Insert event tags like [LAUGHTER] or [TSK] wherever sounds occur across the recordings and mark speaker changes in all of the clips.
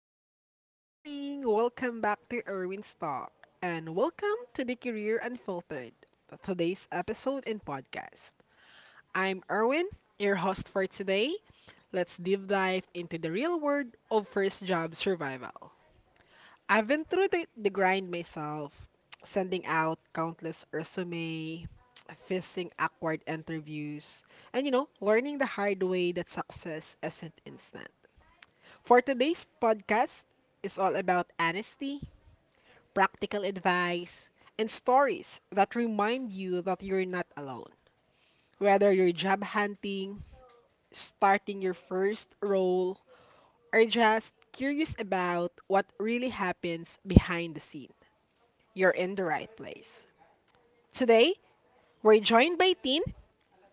Speaker 1: hello. Good morning. Welcome back to Erwin's Talk and welcome to the Career Unfiltered, today's episode and podcast. I'm Erwin, your host for today. Let's deep dive into the real world of first job survival. I've been through the grind myself, sending out countless resume, facing awkward interviews, and learning the hard way that success isn't instant. For today's podcast is all about honesty, practical advice, and stories that remind you that you're not alone. Whether you're job hunting, starting your first role, or just curious about what really happens behind the scene, you're in the right place. Today, we're joined by Tin.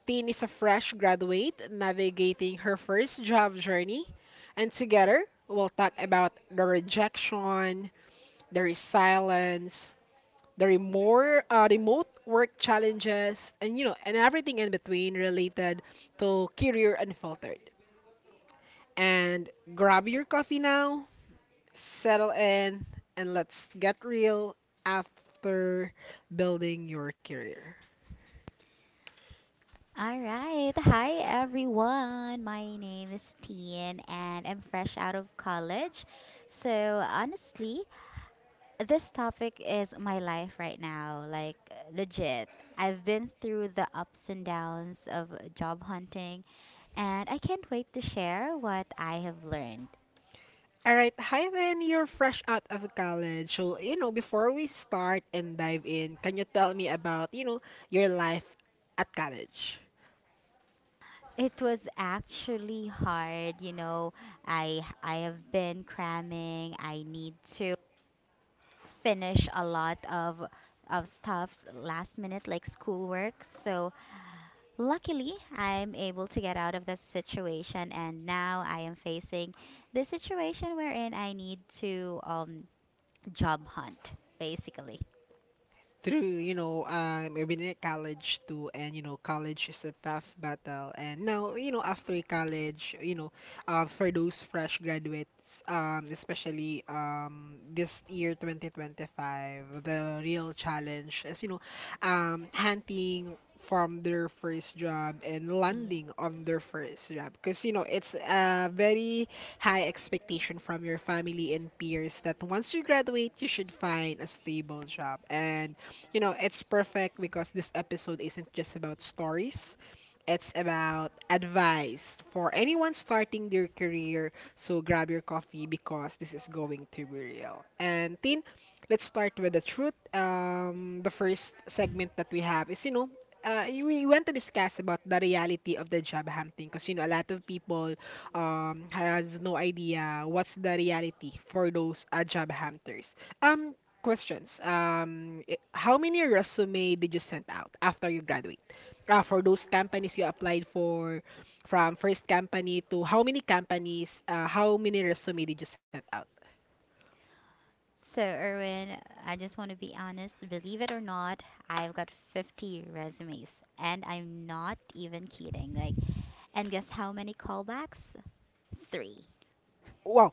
Speaker 1: Tin is a fresh graduate navigating her first job journey, and together we'll talk about the rejection, there is silence there are more remote work challenges and you know and everything in between related to career unfiltered, and grab your coffee now, settle in, and let's get real after building your career.
Speaker 2: All right. Hi, everyone. My name is Tien, and I'm fresh out of college. So, honestly, this topic is my life right now. Like, legit. I've been through the ups and downs of job hunting, and I can't wait to share what I have learned.
Speaker 1: All right, hi then, you're fresh out of college. So you know, before we start and dive in, can you tell me about you know your life at college
Speaker 2: It was actually hard, you know. I have been cramming. I need to finish a lot of stuffs last minute like schoolwork. So luckily I'm able to get out of that situation, and now I am facing the situation wherein I need to job hunt, basically.
Speaker 1: through you know? I've been at college too, and you know college is a tough battle. And now you know, after college, you know, for those fresh graduates, especially this year 2025, the real challenge is you know hunting from their first job and landing on their first job, because you know it's a very high expectation from your family and peers that once you graduate, you should find a stable job. And you know, it's perfect because this episode isn't just about
Speaker 2: Yes.
Speaker 1: stories. It's about advice for anyone starting their career. So grab your coffee because this is going to be real. And Tin, let's start with the truth. The first segment that we have is, you know, we want to discuss about the reality of the job hunting, because you know a lot of people has no idea what's the reality for those job hunters. Um, Questions. How many resume did you send out after you graduate? For those companies you applied for, from first company to how many companies, how many resume did you send out?
Speaker 2: So, Erwin, I just want to be honest. Believe it or not, I've got 50 resumes, and I'm not even kidding. Like, and guess how many callbacks? Three.
Speaker 1: Wow.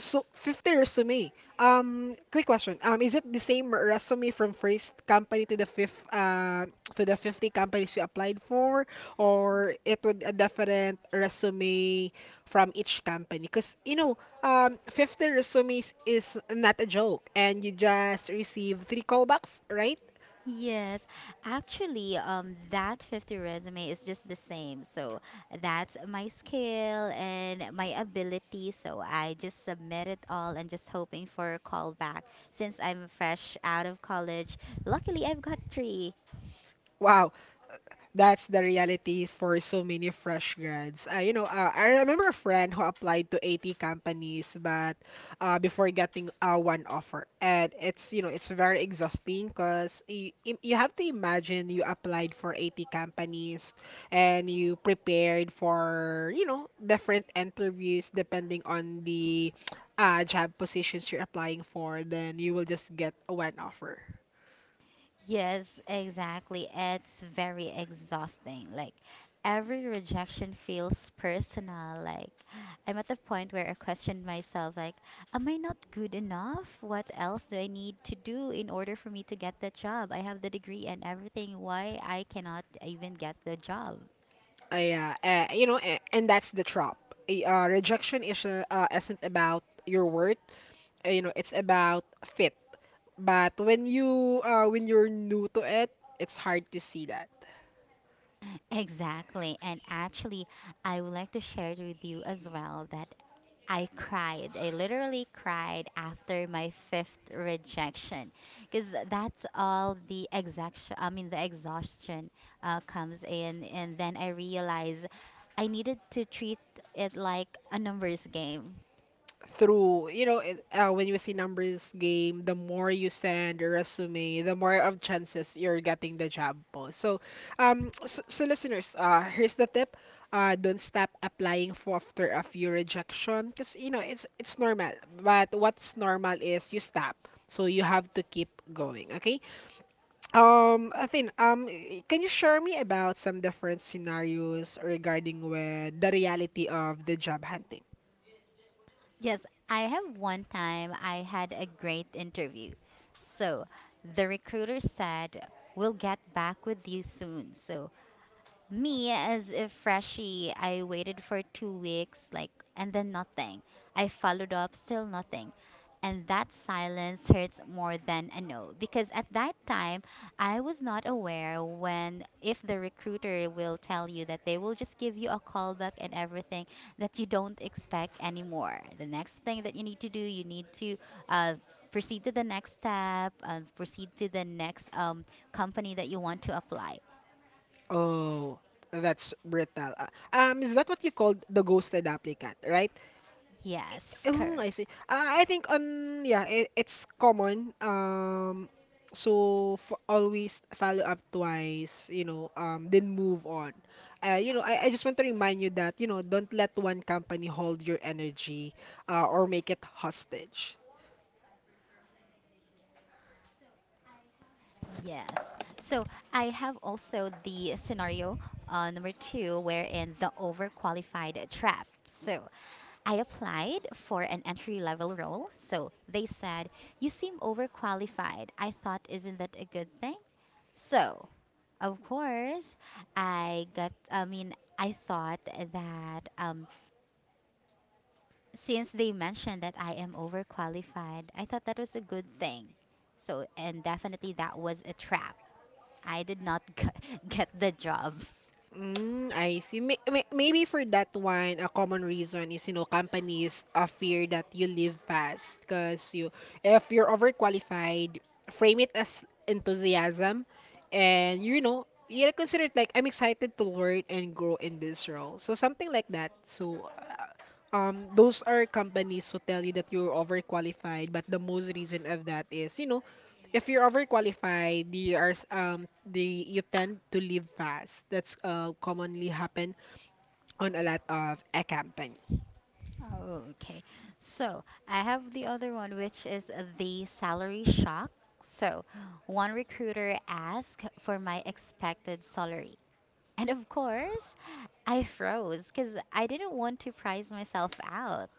Speaker 1: So 50 resume. Quick question. Is it the same resume from first company to the fifth to the 50 companies you applied for, or it would a different resume from each company? Because you know, 50 resumes is not a joke, and you just receive three callbacks, right?
Speaker 2: Yes, actually, that 50 resume is just the same. So that's my skill and my ability. So I just submit it all and just hoping for a callback. Since I'm fresh out of college, luckily I've got three.
Speaker 1: Wow, that's the reality for so many fresh grads. I remember a friend who applied to 80 companies, but before getting one offer. And it's you know it's very exhausting, because you have to imagine you applied for 80 companies and you prepared for you know different interviews depending on the job positions you're applying for. Then you will just get one offer.
Speaker 2: Yes, exactly. It's very exhausting. Like every rejection feels personal. Like I'm at the point where I question myself like, am I not good enough? What else do I need to do in order for me to get the job? I have the degree and everything. Why I cannot even get the job?
Speaker 1: And that's the trap. Rejection isn't about your worth. You know, it's about fit. But when you when you're new to it, it's hard to see that.
Speaker 2: [LAUGHS] Exactly. And actually, I would like to share with you as well that I cried. I literally cried after my fifth rejection, because that's all the exhaustion. I mean, the exhaustion comes in, and then I realize I needed to treat it like a numbers game.
Speaker 1: Through you know when you see numbers game, the more you send a resume the more of chances you're getting the job po. So so listeners, here's the tip. Don't stop applying for after a few rejection, because you know it's normal. But what's normal is you stop, so you have to keep going, okay? Athin, can you share me about some different scenarios regarding with the reality of the job hunting?
Speaker 2: Yes, I have one time I had a great interview. So the recruiter said, "We'll get back with you soon." So, me, as a freshie, I waited for 2 weeks, like, and then nothing. I followed up, still nothing. And that silence hurts more than a no, because at that time, I was not aware when, if the recruiter will tell you that they will just give you a callback and everything, that you don't expect anymore. The next thing that you need to do, you need to uh, proceed to the next step, proceed to the next company that you want to apply.
Speaker 1: Oh, that's brutal. Is that what you called the ghosted applicant, right?
Speaker 2: Yes,
Speaker 1: Oh,
Speaker 2: correct.
Speaker 1: I see. I think on yeah, it's common. So f Always follow up twice, you know, then move on. You know, I just want to remind you that, you know, don't let one company hold your energy, or make it hostage.
Speaker 2: Yes. So I have also the scenario number two, wherein the overqualified trap. So I applied for an entry level role. So they said, "You seem overqualified." I thought, isn't that a good thing? So, of course, I got, I mean, I thought that since they mentioned that I am overqualified, I thought that was a good thing. So, and definitely that was a trap. I did not [LAUGHS] get the job.
Speaker 1: Mm, I see. Maybe for that one, a common reason is, you know, companies fear that you leave fast because if you're overqualified, frame it as enthusiasm, and you know, you consider it like I'm excited to learn and grow in this role. So something like that. So, those are companies who tell you that you're overqualified, but the most reason of that is, you know, if you're overqualified, you are s- the you tend to leave fast. That's commonly happen on a lot of a camping.
Speaker 2: Oh, okay. So, I have the other one, which is the salary shock. So, one recruiter asked for my expected salary. And of course, I froze because I didn't want to price myself out.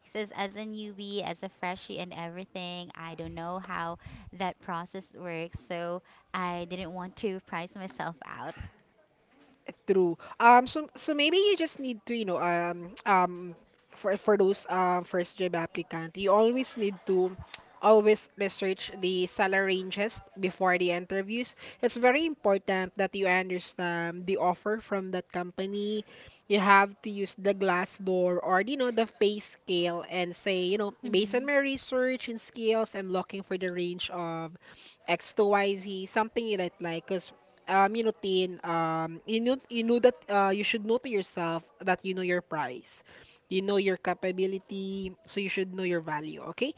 Speaker 2: He says, as a newbie, as a freshie, and everything, I don't know how that process works, so I didn't want to price myself out.
Speaker 1: True. So maybe you just need to, you know, [TSK] for those first job applicant, you always need to always research the salary ranges before the interviews. It's very important that you understand the offer from that company. You have to use the glass door, or you know the pay scale, and say, you know, based on
Speaker 2: Hmm.
Speaker 1: my research and skills, I'm looking for the range of X to Y Z, something you like. Because you know, Tin, you know that you should know to yourself that you know your price. You know your capability, so you should know your value, okay?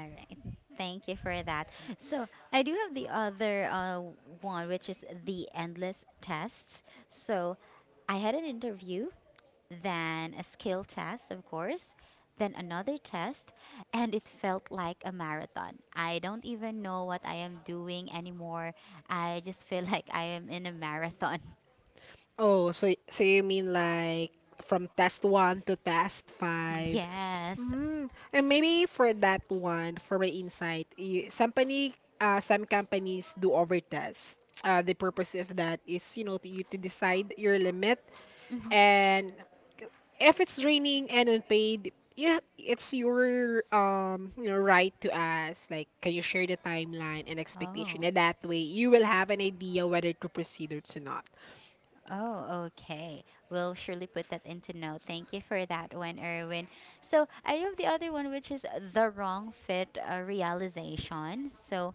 Speaker 2: All right. Thank you for that. So I do have the other one, which is the endless tests. So I had an interview, then a skill test, of course, then another test, and it felt like a marathon. I don't even know what I am doing anymore. I just feel [LAUGHS] like I am in a marathon. [LAUGHS]
Speaker 1: Oh, so so you mean like from test one to test five?
Speaker 2: Yes.
Speaker 1: Mm. And maybe for that one, for my insight, some company, some companies do over test. The purpose of that is, you know, you to decide your limit.
Speaker 2: Mhm.
Speaker 1: And if it's raining and unpaid, yeah, it's your you know right to ask like can you share the timeline and expectation,
Speaker 2: Oh.
Speaker 1: and that way you will have an idea whether to proceed or to not.
Speaker 2: Oh, okay. We'll surely put that into note. Thank you for that one, Erwin. So I have the other one, which is the wrong fit realization. So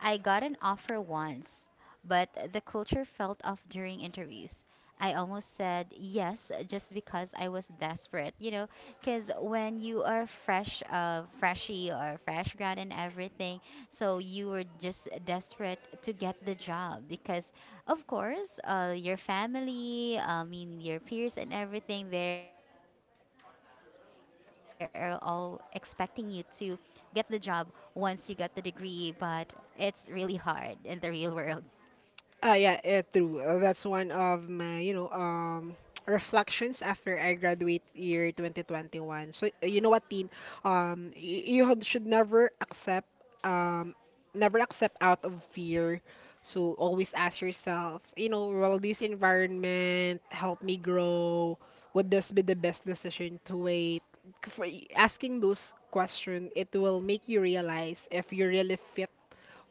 Speaker 2: I got an offer once, but the culture felt off during interviews. I almost said yes just because I was desperate, because when you are fresh, freshy or fresh grad and everything, so you were just desperate to get the job because, of course, your family, I mean, your peers and everything, they are all expecting you to get the job once you get the degree, but it's really hard in the real world.
Speaker 1: Yeah, True. That's one of my, you know, [TSK] reflections after I graduate year 2021. So, you know what, Teen? You should never accept, um, never accept out of fear. So always ask yourself, you know, will this environment help me grow? Would this be the best decision to wait? For asking those questions, it will make you realize if you really fit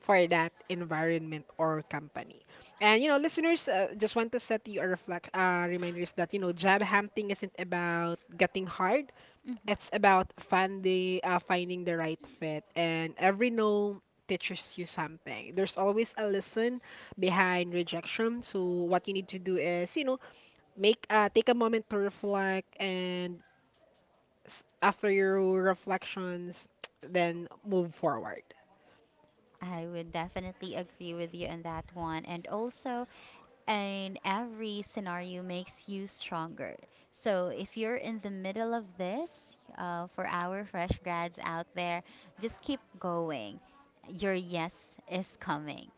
Speaker 1: for that environment or company. And you know, listeners, just want to set you a reflect reminders that you know, job hunting isn't about getting hard.
Speaker 2: Mhm.
Speaker 1: It's about finding the right fit, and every no teaches you something. There's always a lesson behind rejection. So what you need to do is, you know, make take a moment to reflect, and after your reflections, [TSK] then move forward.
Speaker 2: I would definitely agree with you on that one. And also, and every scenario makes you stronger. So if you're in the middle of this, for our fresh grads out there, just keep going. Your yes is coming.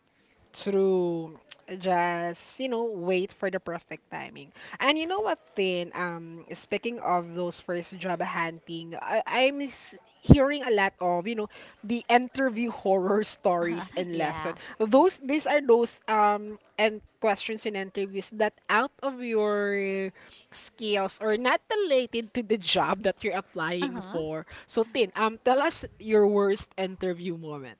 Speaker 1: To just you know wait for the perfect timing. And you know what, Tin? Speaking of those first job hunting, hearing a lot of you know the interview horror stories
Speaker 2: [LAUGHS]
Speaker 1: and
Speaker 2: Yeah.
Speaker 1: lesson, those these are those and questions in interviews that out of your skills or not related to the job that you're
Speaker 2: Uh
Speaker 1: applying
Speaker 2: huh.
Speaker 1: for. So Tin, tell us your worst interview moment.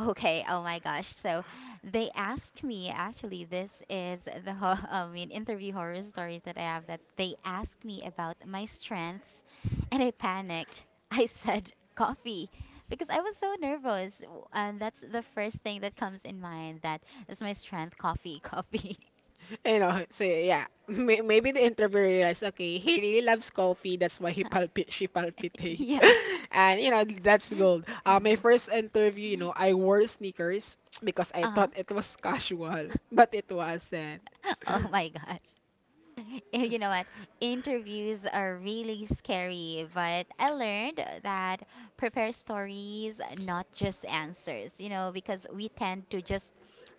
Speaker 2: Okay, oh my gosh. So they asked me, actually this is the ho [LAUGHS] I mean interview horror stories that I have, that they asked me about my strengths, and I panicked. [LAUGHS] I said coffee, because I was so nervous and that's the first thing that comes in mind, that is my strength, coffee.
Speaker 1: You know, so yeah, [LAUGHS] maybe the interviewer realized, okay, he really loves coffee. That's why he palpit she
Speaker 2: [LAUGHS]
Speaker 1: palpitate,
Speaker 2: Yeah. [LAUGHS]
Speaker 1: [LAUGHS] and you know that's gold. My first interview, you know, I wore sneakers because I
Speaker 2: Uh-huh.
Speaker 1: thought it was [LAUGHS] casual, but it wasn't.
Speaker 2: [LAUGHS] Oh my gosh. [LAUGHS] You know what? Interviews are really scary, but I learned that prepare stories, not just answers, because we tend to just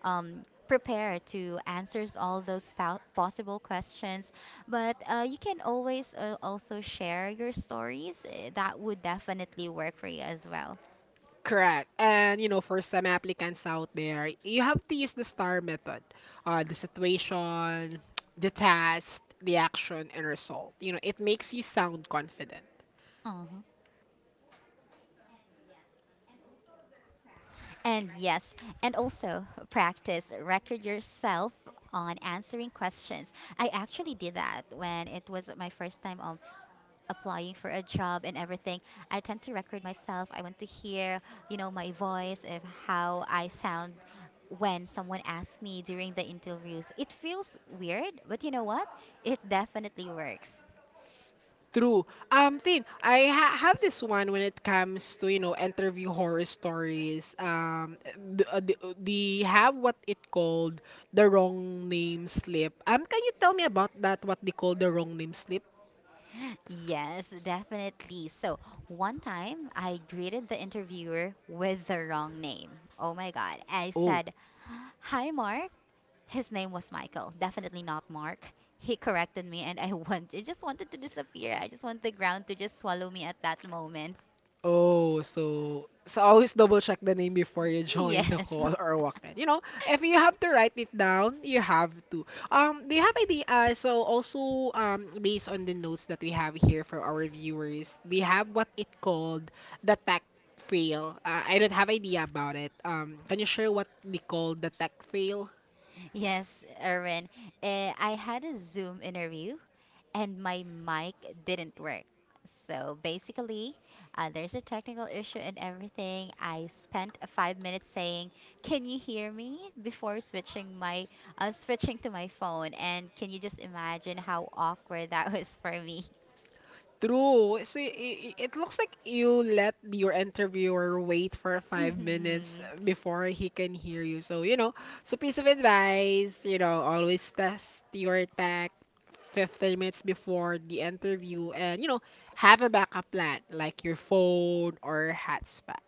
Speaker 2: prepare to answers all those possible questions. But you can always also share your stories. That would definitely work for you as well.
Speaker 1: Correct. And you know, first time applicants out there, you have to use the STAR method. The situation, [TSK] the task, the action, and result. You know, it makes you sound confident.
Speaker 2: Oh, and yes, and also practice: record yourself on answering questions. I actually did that when it was my first time applying for a job and everything. I tend to record myself. I want to hear my voice of how I sound when someone asks me during the interviews. It feels weird, but you know what? It definitely works.
Speaker 1: True. Tin, I ha have this one when it comes to, you know, interview horror stories. They have what it called the wrong name slip. Can you tell me about that, what they call the wrong name slip?
Speaker 2: Yes, definitely. So, one time I greeted the interviewer with the wrong name. Oh my God. I said, "Hi, Mark." His name was Michael. Definitely not Mark. He corrected me, and [LAUGHS] I just wanted to disappear. I just want the ground to just swallow me at that moment.
Speaker 1: Oh, so so always double check the name before you join the
Speaker 2: Yes. [LAUGHS]
Speaker 1: call or walk in. You know, if you have to write it down, you have to. Do you have any also based on the notes that we have here for our viewers, they have what it called the tech fail. I don't have idea about it. Can you share what they call the tech fail?
Speaker 2: Yes, Erwin. I had a Zoom interview and my mic didn't work. So basically, there's a technical issue and everything. I spent 5 minutes saying, "Can you hear me?" before switching to my phone. And can you just imagine how awkward that [LAUGHS] was for me?
Speaker 1: True. So it looks like you let your interviewer wait for
Speaker 2: [LAUGHS]
Speaker 1: 5 minutes
Speaker 2: Hmm.
Speaker 1: before he can hear you. So, you know, so piece of advice, you know, always test your tech 15 minutes before the interview, and, you know, have a backup plan like your phone or hotspot.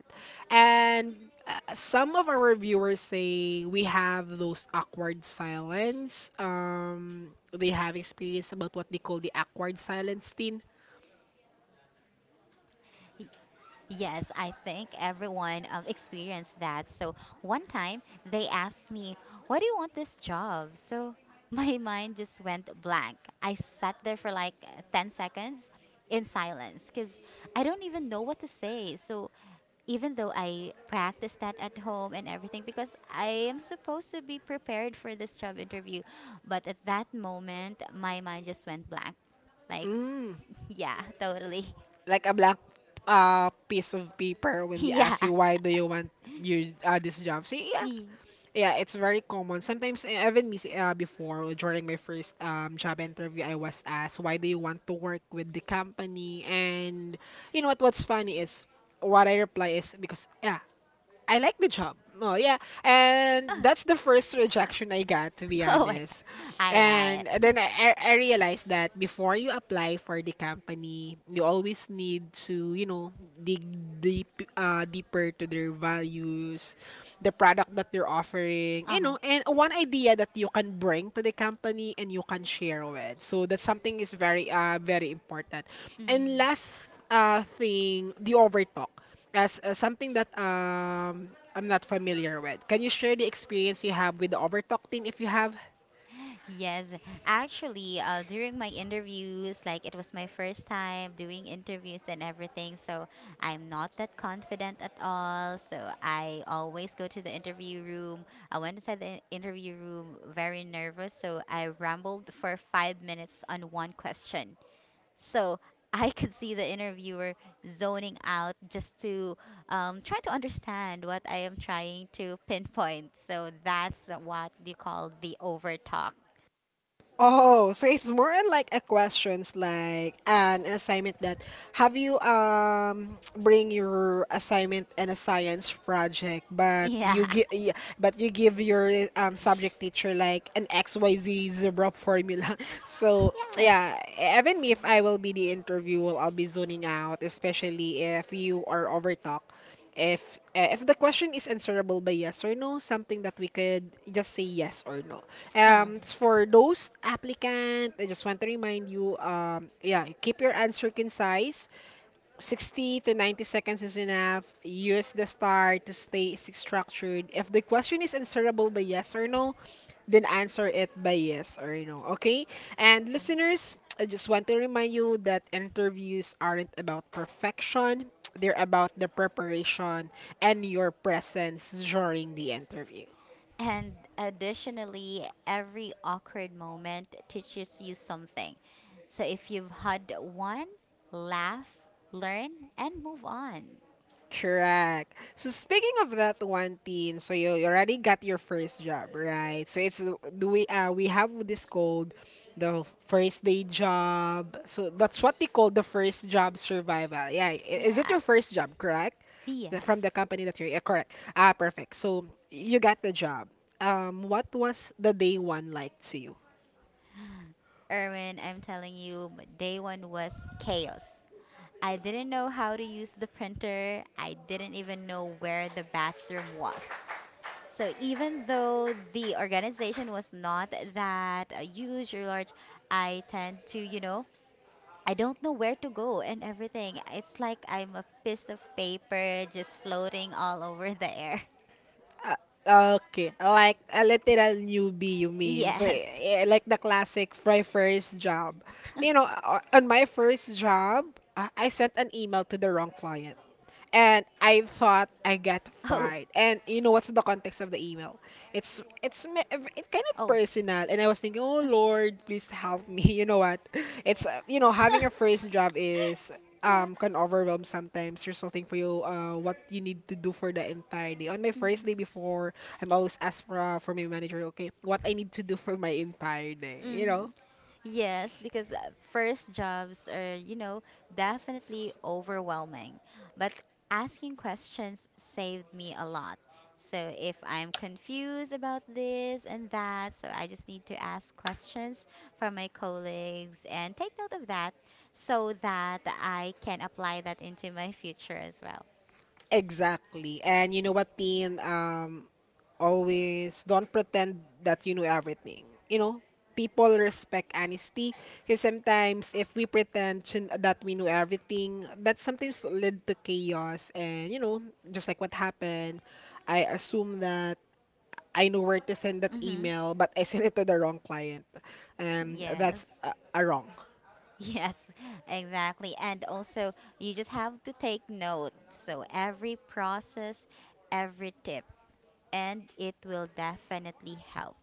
Speaker 1: And some of our viewers say we have those awkward silence. They have experience about what they call the awkward silence teen.
Speaker 2: Yes, I think everyone experienced that. So one time they asked me, "Why do you want this job?" So [LAUGHS] my mind just went blank. I sat there for like 10 seconds in silence, because I don't even know what to say. So even though I practiced that at home and everything, because I am supposed to be prepared for this job interview, but at that moment my mind just went blank. Like,
Speaker 1: Mm,
Speaker 2: [LAUGHS] yeah, totally.
Speaker 1: like a black piece of paper
Speaker 2: [LAUGHS]
Speaker 1: when they
Speaker 2: Yeah.
Speaker 1: ask you why do you want your this job. See, yeah, yeah, it's very common. Sometimes even me before during my first job interview, I was asked why do you want to work with the company, and you know what? What's funny is what I reply is because yeah, I like the job. Oh yeah, and that's
Speaker 2: [LAUGHS]
Speaker 1: the first rejection I got, to be
Speaker 2: [LAUGHS] Oh my
Speaker 1: honest.
Speaker 2: God. All right.
Speaker 1: And
Speaker 2: [LAUGHS]
Speaker 1: then I realized that before you apply for the company, you always need to, you know, dig deep deeper, to their values, the product that they're offering, you
Speaker 2: Uh-huh.
Speaker 1: know, and one idea that you can bring to the company and you can share with. So that's something is very very important. And
Speaker 2: Hmm.
Speaker 1: last thing, the overtalk as something that I'm not familiar with. Can you share the experience you have with the Overtalk team, if you have?
Speaker 2: Yes, actually, during my interviews, like it was my first time doing interviews and everything, so I'm not that confident at all. So I always go to the interview room. I went inside the interview room very nervous, so I rambled for 5 minutes on one question. So [LAUGHS] I could see the interviewer zoning out, just to try to understand what I am trying to pinpoint. So that's what you call the overtalk.
Speaker 1: Oh, so it's more on like a questions like an assignment that have you [TSK] bring your assignment and a science project,
Speaker 2: Yeah. [LAUGHS]
Speaker 1: but you give your subject teacher like an XYZ zebra formula. [LAUGHS] So
Speaker 2: Yes.
Speaker 1: yeah, even me, if I will be the interviewer, I'll be zoning out, especially if you are over talk. If if the question is answerable by yes or no, something that we could just say yes or no.
Speaker 2: Uh.
Speaker 1: It's for those applicant, I just want to remind you, yeah, keep your answer concise. 60 to 90 seconds is enough. Use the star to stay structured. If the question is answerable by yes or no, then answer it by yes or no. Okay? And listeners, I just want to remind you that interviews aren't about perfection. They're about the preparation and your presence during the interview.
Speaker 2: And additionally, every awkward moment teaches you something. So if you've had one, laugh, learn, and move on.
Speaker 1: Correct. So speaking of that one thing, so you already got your first job, right? So it's, do we have this called the first day job. So that's what they call the first job survival. Yeah, is it your
Speaker 2: Yes.
Speaker 1: first job, correct? The, from the
Speaker 2: Yes.
Speaker 1: company that you're, yeah, correct. Ah, perfect. So you got the job. What was the day one like to you?
Speaker 2: Erwin, I'm telling you, day one was chaos. I didn't know how to use the printer. I didn't even know where the bathroom was. So even though the organization was not that huge or large, I tend to, you know, I don't know where to go and everything. It's like I'm a piece of paper just floating all over the air. [LAUGHS]
Speaker 1: Okay, like a literal newbie, you mean? So,
Speaker 2: Yes.
Speaker 1: like the classic fry first job. You know,
Speaker 2: [LAUGHS]
Speaker 1: on my first job, I sent an email to the wrong client
Speaker 2: Oh,
Speaker 1: and I thought I got fired. And you know what's the context of the email? It's
Speaker 2: oh.
Speaker 1: it's it's kind of personal, and I was thinking, oh Lord, please help me. [LAUGHS] You know what? It's
Speaker 2: Uh.
Speaker 1: you know,
Speaker 2: [LAUGHS]
Speaker 1: having a first job is
Speaker 2: Yeah.
Speaker 1: um can overwhelm sometimes. There's nothing for you. What you need to do for the entire day. On my first day before, I'm always asked for my manager, okay, what I need to do for my entire day. You
Speaker 2: Mhm.
Speaker 1: know.
Speaker 2: Mhm. Yes, because first jobs are definitely overwhelming. But asking questions saved me a lot. So if I'm confused about this and that, so I just need to ask questions from my colleagues and take note of that, so that I can apply that into my future as well.
Speaker 1: Exactly. And you know what, Tin? Always don't pretend that you know everything. You know, people respect honesty, because sometimes if we pretend that we know everything, that sometimes lead to chaos. And you know, just like what happened, I assume that I know where to send that
Speaker 2: Mm-hmm.
Speaker 1: email, but I sent it to the wrong client. That's
Speaker 2: Yes.
Speaker 1: a wrong.
Speaker 2: [LAUGHS] Yes, exactly. And also, you just have to take note. So, every process, every tip, and it will definitely help.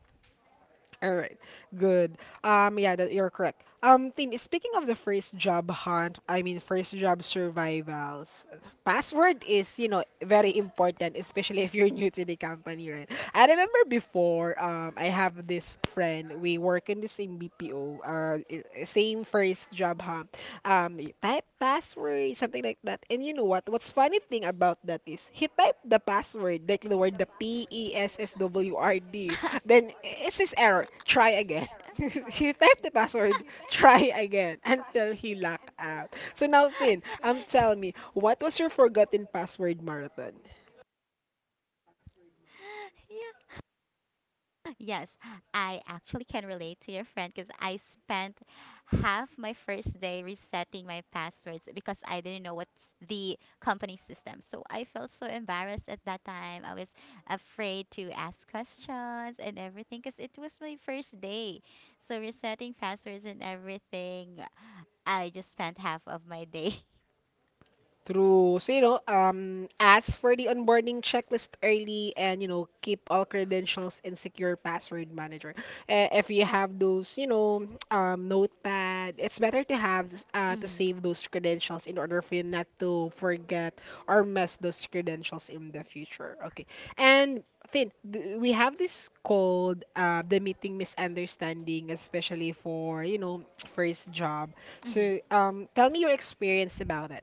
Speaker 1: All right, good. Yeah, that you're correct. Tin, speaking of the first job hunt, I mean first job survivals, password is, you know, very important, especially if you're [LAUGHS] new to the company, right? I remember before, I have this friend. We work in the same BPO, same first job hunt. You type password, something like that. And you know what? What's funny thing about that is he typed the password, like the word the PESSWRD, then it's his error. Try again. [LAUGHS] He typed the password,
Speaker 2: [LAUGHS]
Speaker 1: try again, until he locked out. So now, Finn, tell me, what was your forgotten password marathon?
Speaker 2: Yeah. Yes, I actually can relate to your friend because I spent half my first day resetting my passwords, because I didn't know what's the company system. So I felt so embarrassed at that time. I was afraid to ask questions and everything, because it was my first day. So resetting passwords and everything, I just spent half of my day.
Speaker 1: True. So, you know, ask for the onboarding checklist early and, you know, keep all credentials in secure password manager. If you have those, you know, [TSK] notepad, it's better to have
Speaker 2: [LAUGHS]
Speaker 1: to
Speaker 2: Hmm.
Speaker 1: save those credentials in order for you not to forget or mess those credentials in the future. Okay. And Thin, we have this called the meeting misunderstanding, especially for, you know, [TSK] first job.
Speaker 2: Mhm.
Speaker 1: So, tell me your experience about it.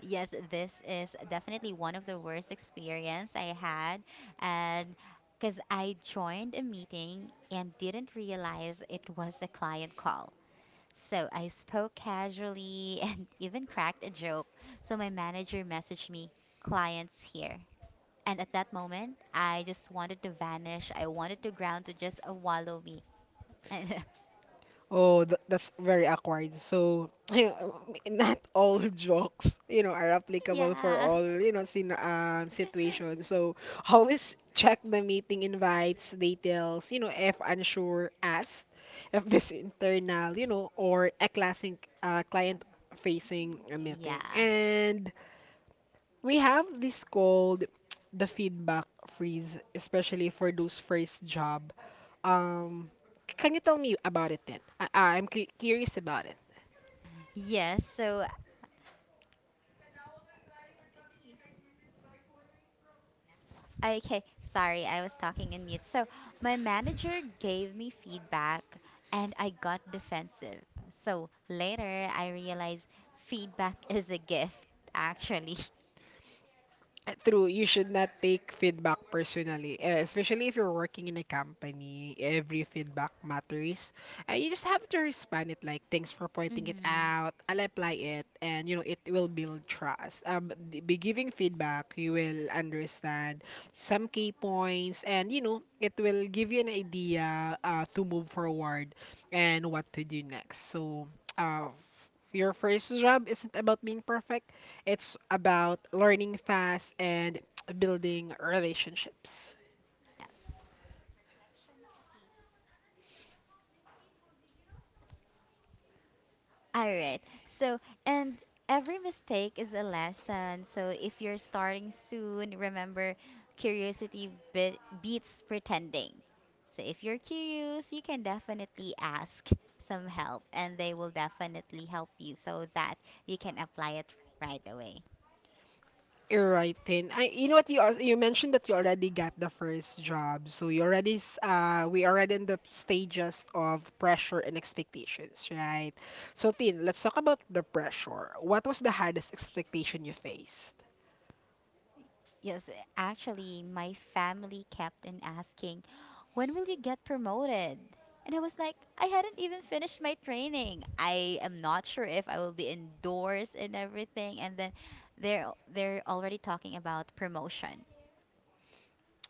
Speaker 2: Yes, this is definitely one of the worst experience I had, and because I joined a meeting and didn't realize it was a client call. So I spoke casually [LAUGHS] and even cracked a joke. So my manager messaged me, "Clients here." And at that moment, I just wanted to vanish. I wanted to ground to just wallow me. [LAUGHS]
Speaker 1: Oh, th that's very awkward. So, [LAUGHS] not all [LAUGHS] jokes, you know, are
Speaker 2: And
Speaker 1: applicable for
Speaker 2: yeah.
Speaker 1: all, you know, sin
Speaker 2: [LAUGHS]
Speaker 1: situations. So, [LAUGHS] always check the meeting invites, details, you know, if unsure, ask if this [LAUGHS] internal, you know, or a classic client facing a
Speaker 2: Yeah.
Speaker 1: meeting. And we have this called [TSK] the feedback freeze, especially for those first job. Um, can you tell me about it then? I'm curious about it.
Speaker 2: Yes, so okay, sorry, I was talking in mute. So my manager gave me feedback and I got defensive. So later I realized feedback [LAUGHS] is a gift, actually. [LAUGHS]
Speaker 1: True, you should not take feedback personally, especially if you're working in a company. Every feedback matters. You just have to respond it like, thanks for pointing it
Speaker 2: Mm-hmm.
Speaker 1: out. I'll apply it, and you know it will build trust. By giving feedback, you will understand some key points, and you know it will give you an idea to move forward and what to do next. So, your first job isn't about being perfect. It's about learning fast and [TSK] building relationships.
Speaker 2: Yes. All right. So, and every mistake is a lesson. So, if you're starting soon, remember: curiosity be beats pretending. So, if you're curious, you can definitely ask some help and they will definitely help you so that you can apply it right away.
Speaker 1: You're right, Tin. I, you know what you mentioned that you already got the first job, so you already we already in the stages of pressure and expectations, right? So Tin, let's talk about the pressure. What was the hardest expectation you faced?
Speaker 2: Yes, actually, my family kept on asking, when will you get promoted? And I was like, I hadn't even finished my training. I am not sure if I will be indoors and everything. And then they're already talking about promotion.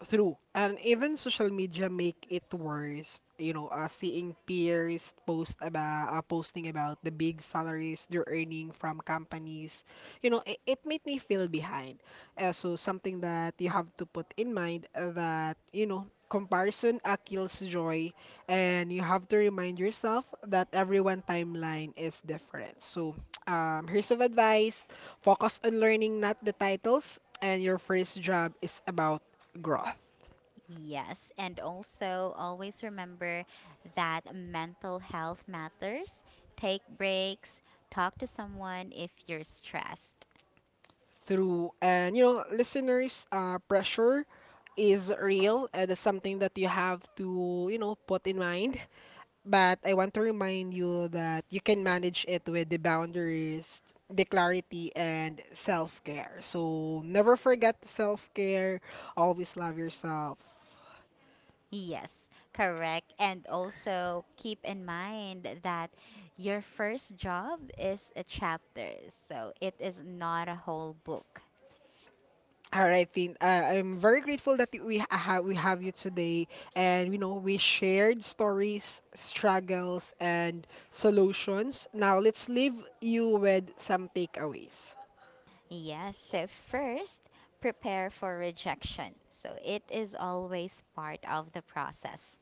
Speaker 1: True. And even social media make it worse. You know, seeing peers post about posting about the big salaries they're earning from companies. You know, it made me feel behind. So something that you have to put in mind that you know comparison kills joy, and you have to remind yourself that everyone timeline is different. So [TSK] here's some advice: focus on learning, not the titles. And your first job is about growth.
Speaker 2: Yes, and also always remember that mental health matters. Take breaks, talk to someone if you're stressed.
Speaker 1: Through. And you know, listeners, pressure is real, and that's something that you have to, you know, put in mind. But I want to remind you that you can manage it with the boundaries, the clarity, and self care. So never forget self care. Always love yourself.
Speaker 2: Yes, correct. And also keep in mind that your first job is a chapter, so it is not a whole book.
Speaker 1: All right, Tin. I'm very grateful that we have you today, and you know we shared stories, struggles, and solutions. Now let's leave you with some takeaways.
Speaker 2: Yes, so first, prepare for rejection. So it is always part of the process.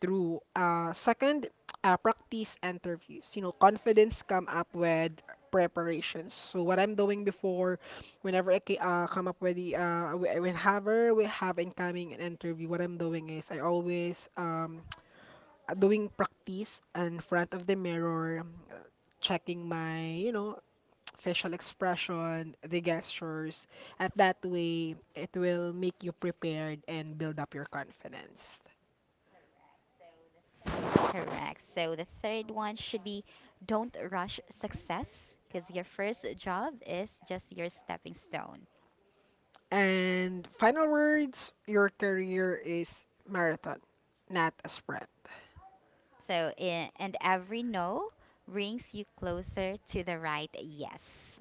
Speaker 1: Through, second, [TSK] practice interviews. You know, confidence come up with preparations. So what I'm doing before, whenever come up with the whenever we have incoming an interview, what I'm doing is I always doing practice in front of the mirror, uh, checking my, you know, [TSK] facial expression, the gestures. At that way, it will make you prepared and build up your confidence.
Speaker 2: Correct. So the third one should be, don't rush success because your first job is just your stepping stone.
Speaker 1: And final words, your career is marathon, not a sprint.
Speaker 2: So, and every no brings you closer to the right yes.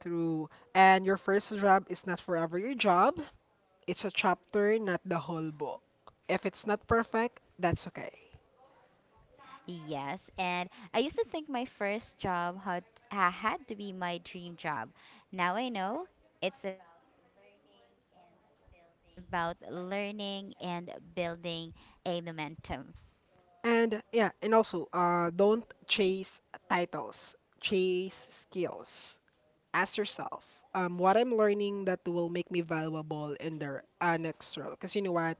Speaker 1: True. And your first job is not forever your job. It's a chapter, not the whole book. If it's not perfect, that's okay.
Speaker 2: Yes, and I used to think my first job had to be my dream job. Now I know it's about learning and building a momentum.
Speaker 1: And yeah, and also, don't chase titles, chase skills. Ask yourself, what I'm learning that will make me valuable in the next role. Because you know what,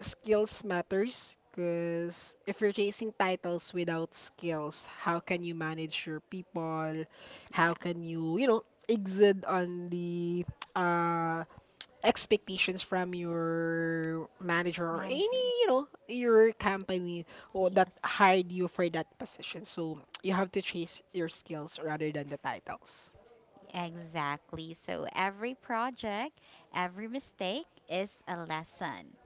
Speaker 1: skills matters. Because if you're chasing titles without skills, how can you manage your people? How
Speaker 2: Yeah.
Speaker 1: can you, you know, exit on the [TSK] uh, expectations from your manager or any, you
Speaker 2: Managers.
Speaker 1: know, your company or that
Speaker 2: Yes,
Speaker 1: hired you for that position. So you have to chase your skills rather than the titles.
Speaker 2: exactly. So every project, every mistake is a lesson.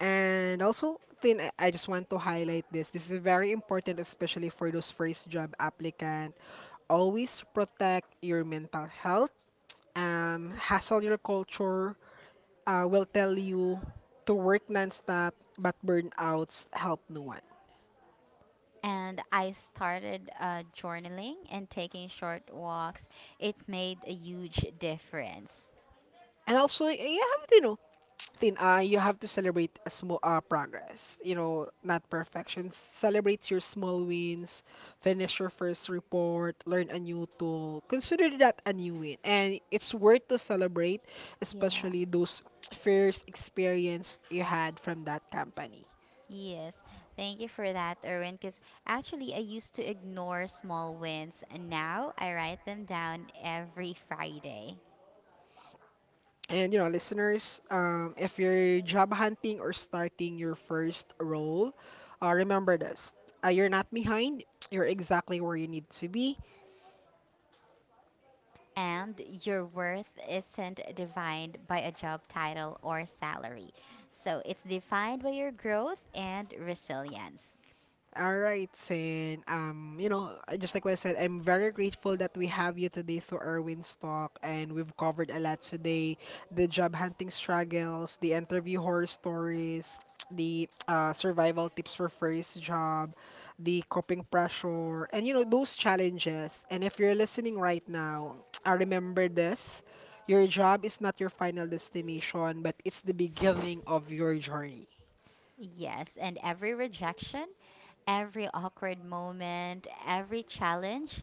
Speaker 1: And also, Tin, I just want to highlight this. This is very important, especially for those first job applicant. Always protect your mental health. Hustle your culture will tell you to work nonstop, but burnouts help no one.
Speaker 2: And I started journaling and taking short walks. It made a huge difference.
Speaker 1: And also, you have to, you know, thin, you have to celebrate a small progress, you know, not perfection. Celebrate your small wins, finish your first report, learn a new tool. Consider that a new win. And it's worth to celebrate,
Speaker 2: Yeah.
Speaker 1: especially those first experience you had from that company.
Speaker 2: Yes, thank you for that, Erwin. Because actually, I used to ignore small wins, and now I write them down every Friday.
Speaker 1: And you know, listeners, if you're job hunting or starting your first role, remember this. You're not behind. You're exactly where you need to be.
Speaker 2: And your worth isn't defined by a job title or salary, so it's defined by your growth and resilience.
Speaker 1: All right, Sin. You know, just like what I said, I'm very grateful that we have you today through Erwin's talk, and we've covered a lot today: the job hunting struggles, the interview horror stories, [TSK] the survival tips for first job, the coping pressure, and you know those challenges. And if you're listening right now, [TSK] I remember this: your job is not your final destination, but it's the beginning of your journey.
Speaker 2: Yes, and every rejection, every awkward moment, every challenge,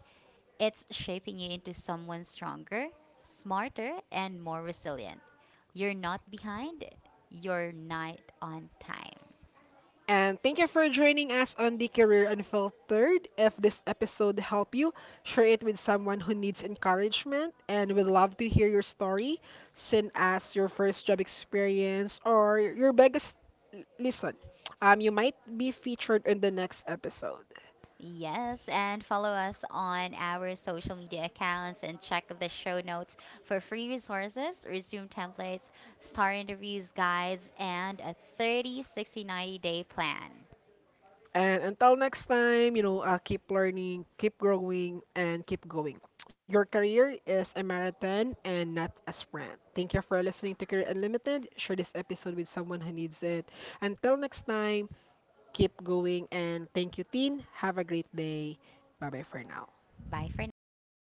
Speaker 2: it's shaping you into someone stronger, smarter, and more resilient. You're not behind, you're night on time.
Speaker 1: And thank you for joining us on the Career Unfiltered. If this episode helped you, share it with someone who needs encouragement, and we would love to hear your story. Send us your first job experience or your biggest listen. You might be featured in the next episode.
Speaker 2: Yes, and follow us on our social media accounts and check the show notes for free resources, resume templates, star interviews, guides, and a 30, 60, 90-day plan.
Speaker 1: And until next time, you know, keep learning, keep growing, and keep going. Your career is a marathon and not a sprint. Thank you for listening to Career Unlimited. Share this episode with someone who needs it. Until next time, keep going, and thank you, Teen. Have a great day. Bye bye for now.
Speaker 2: Bye for now.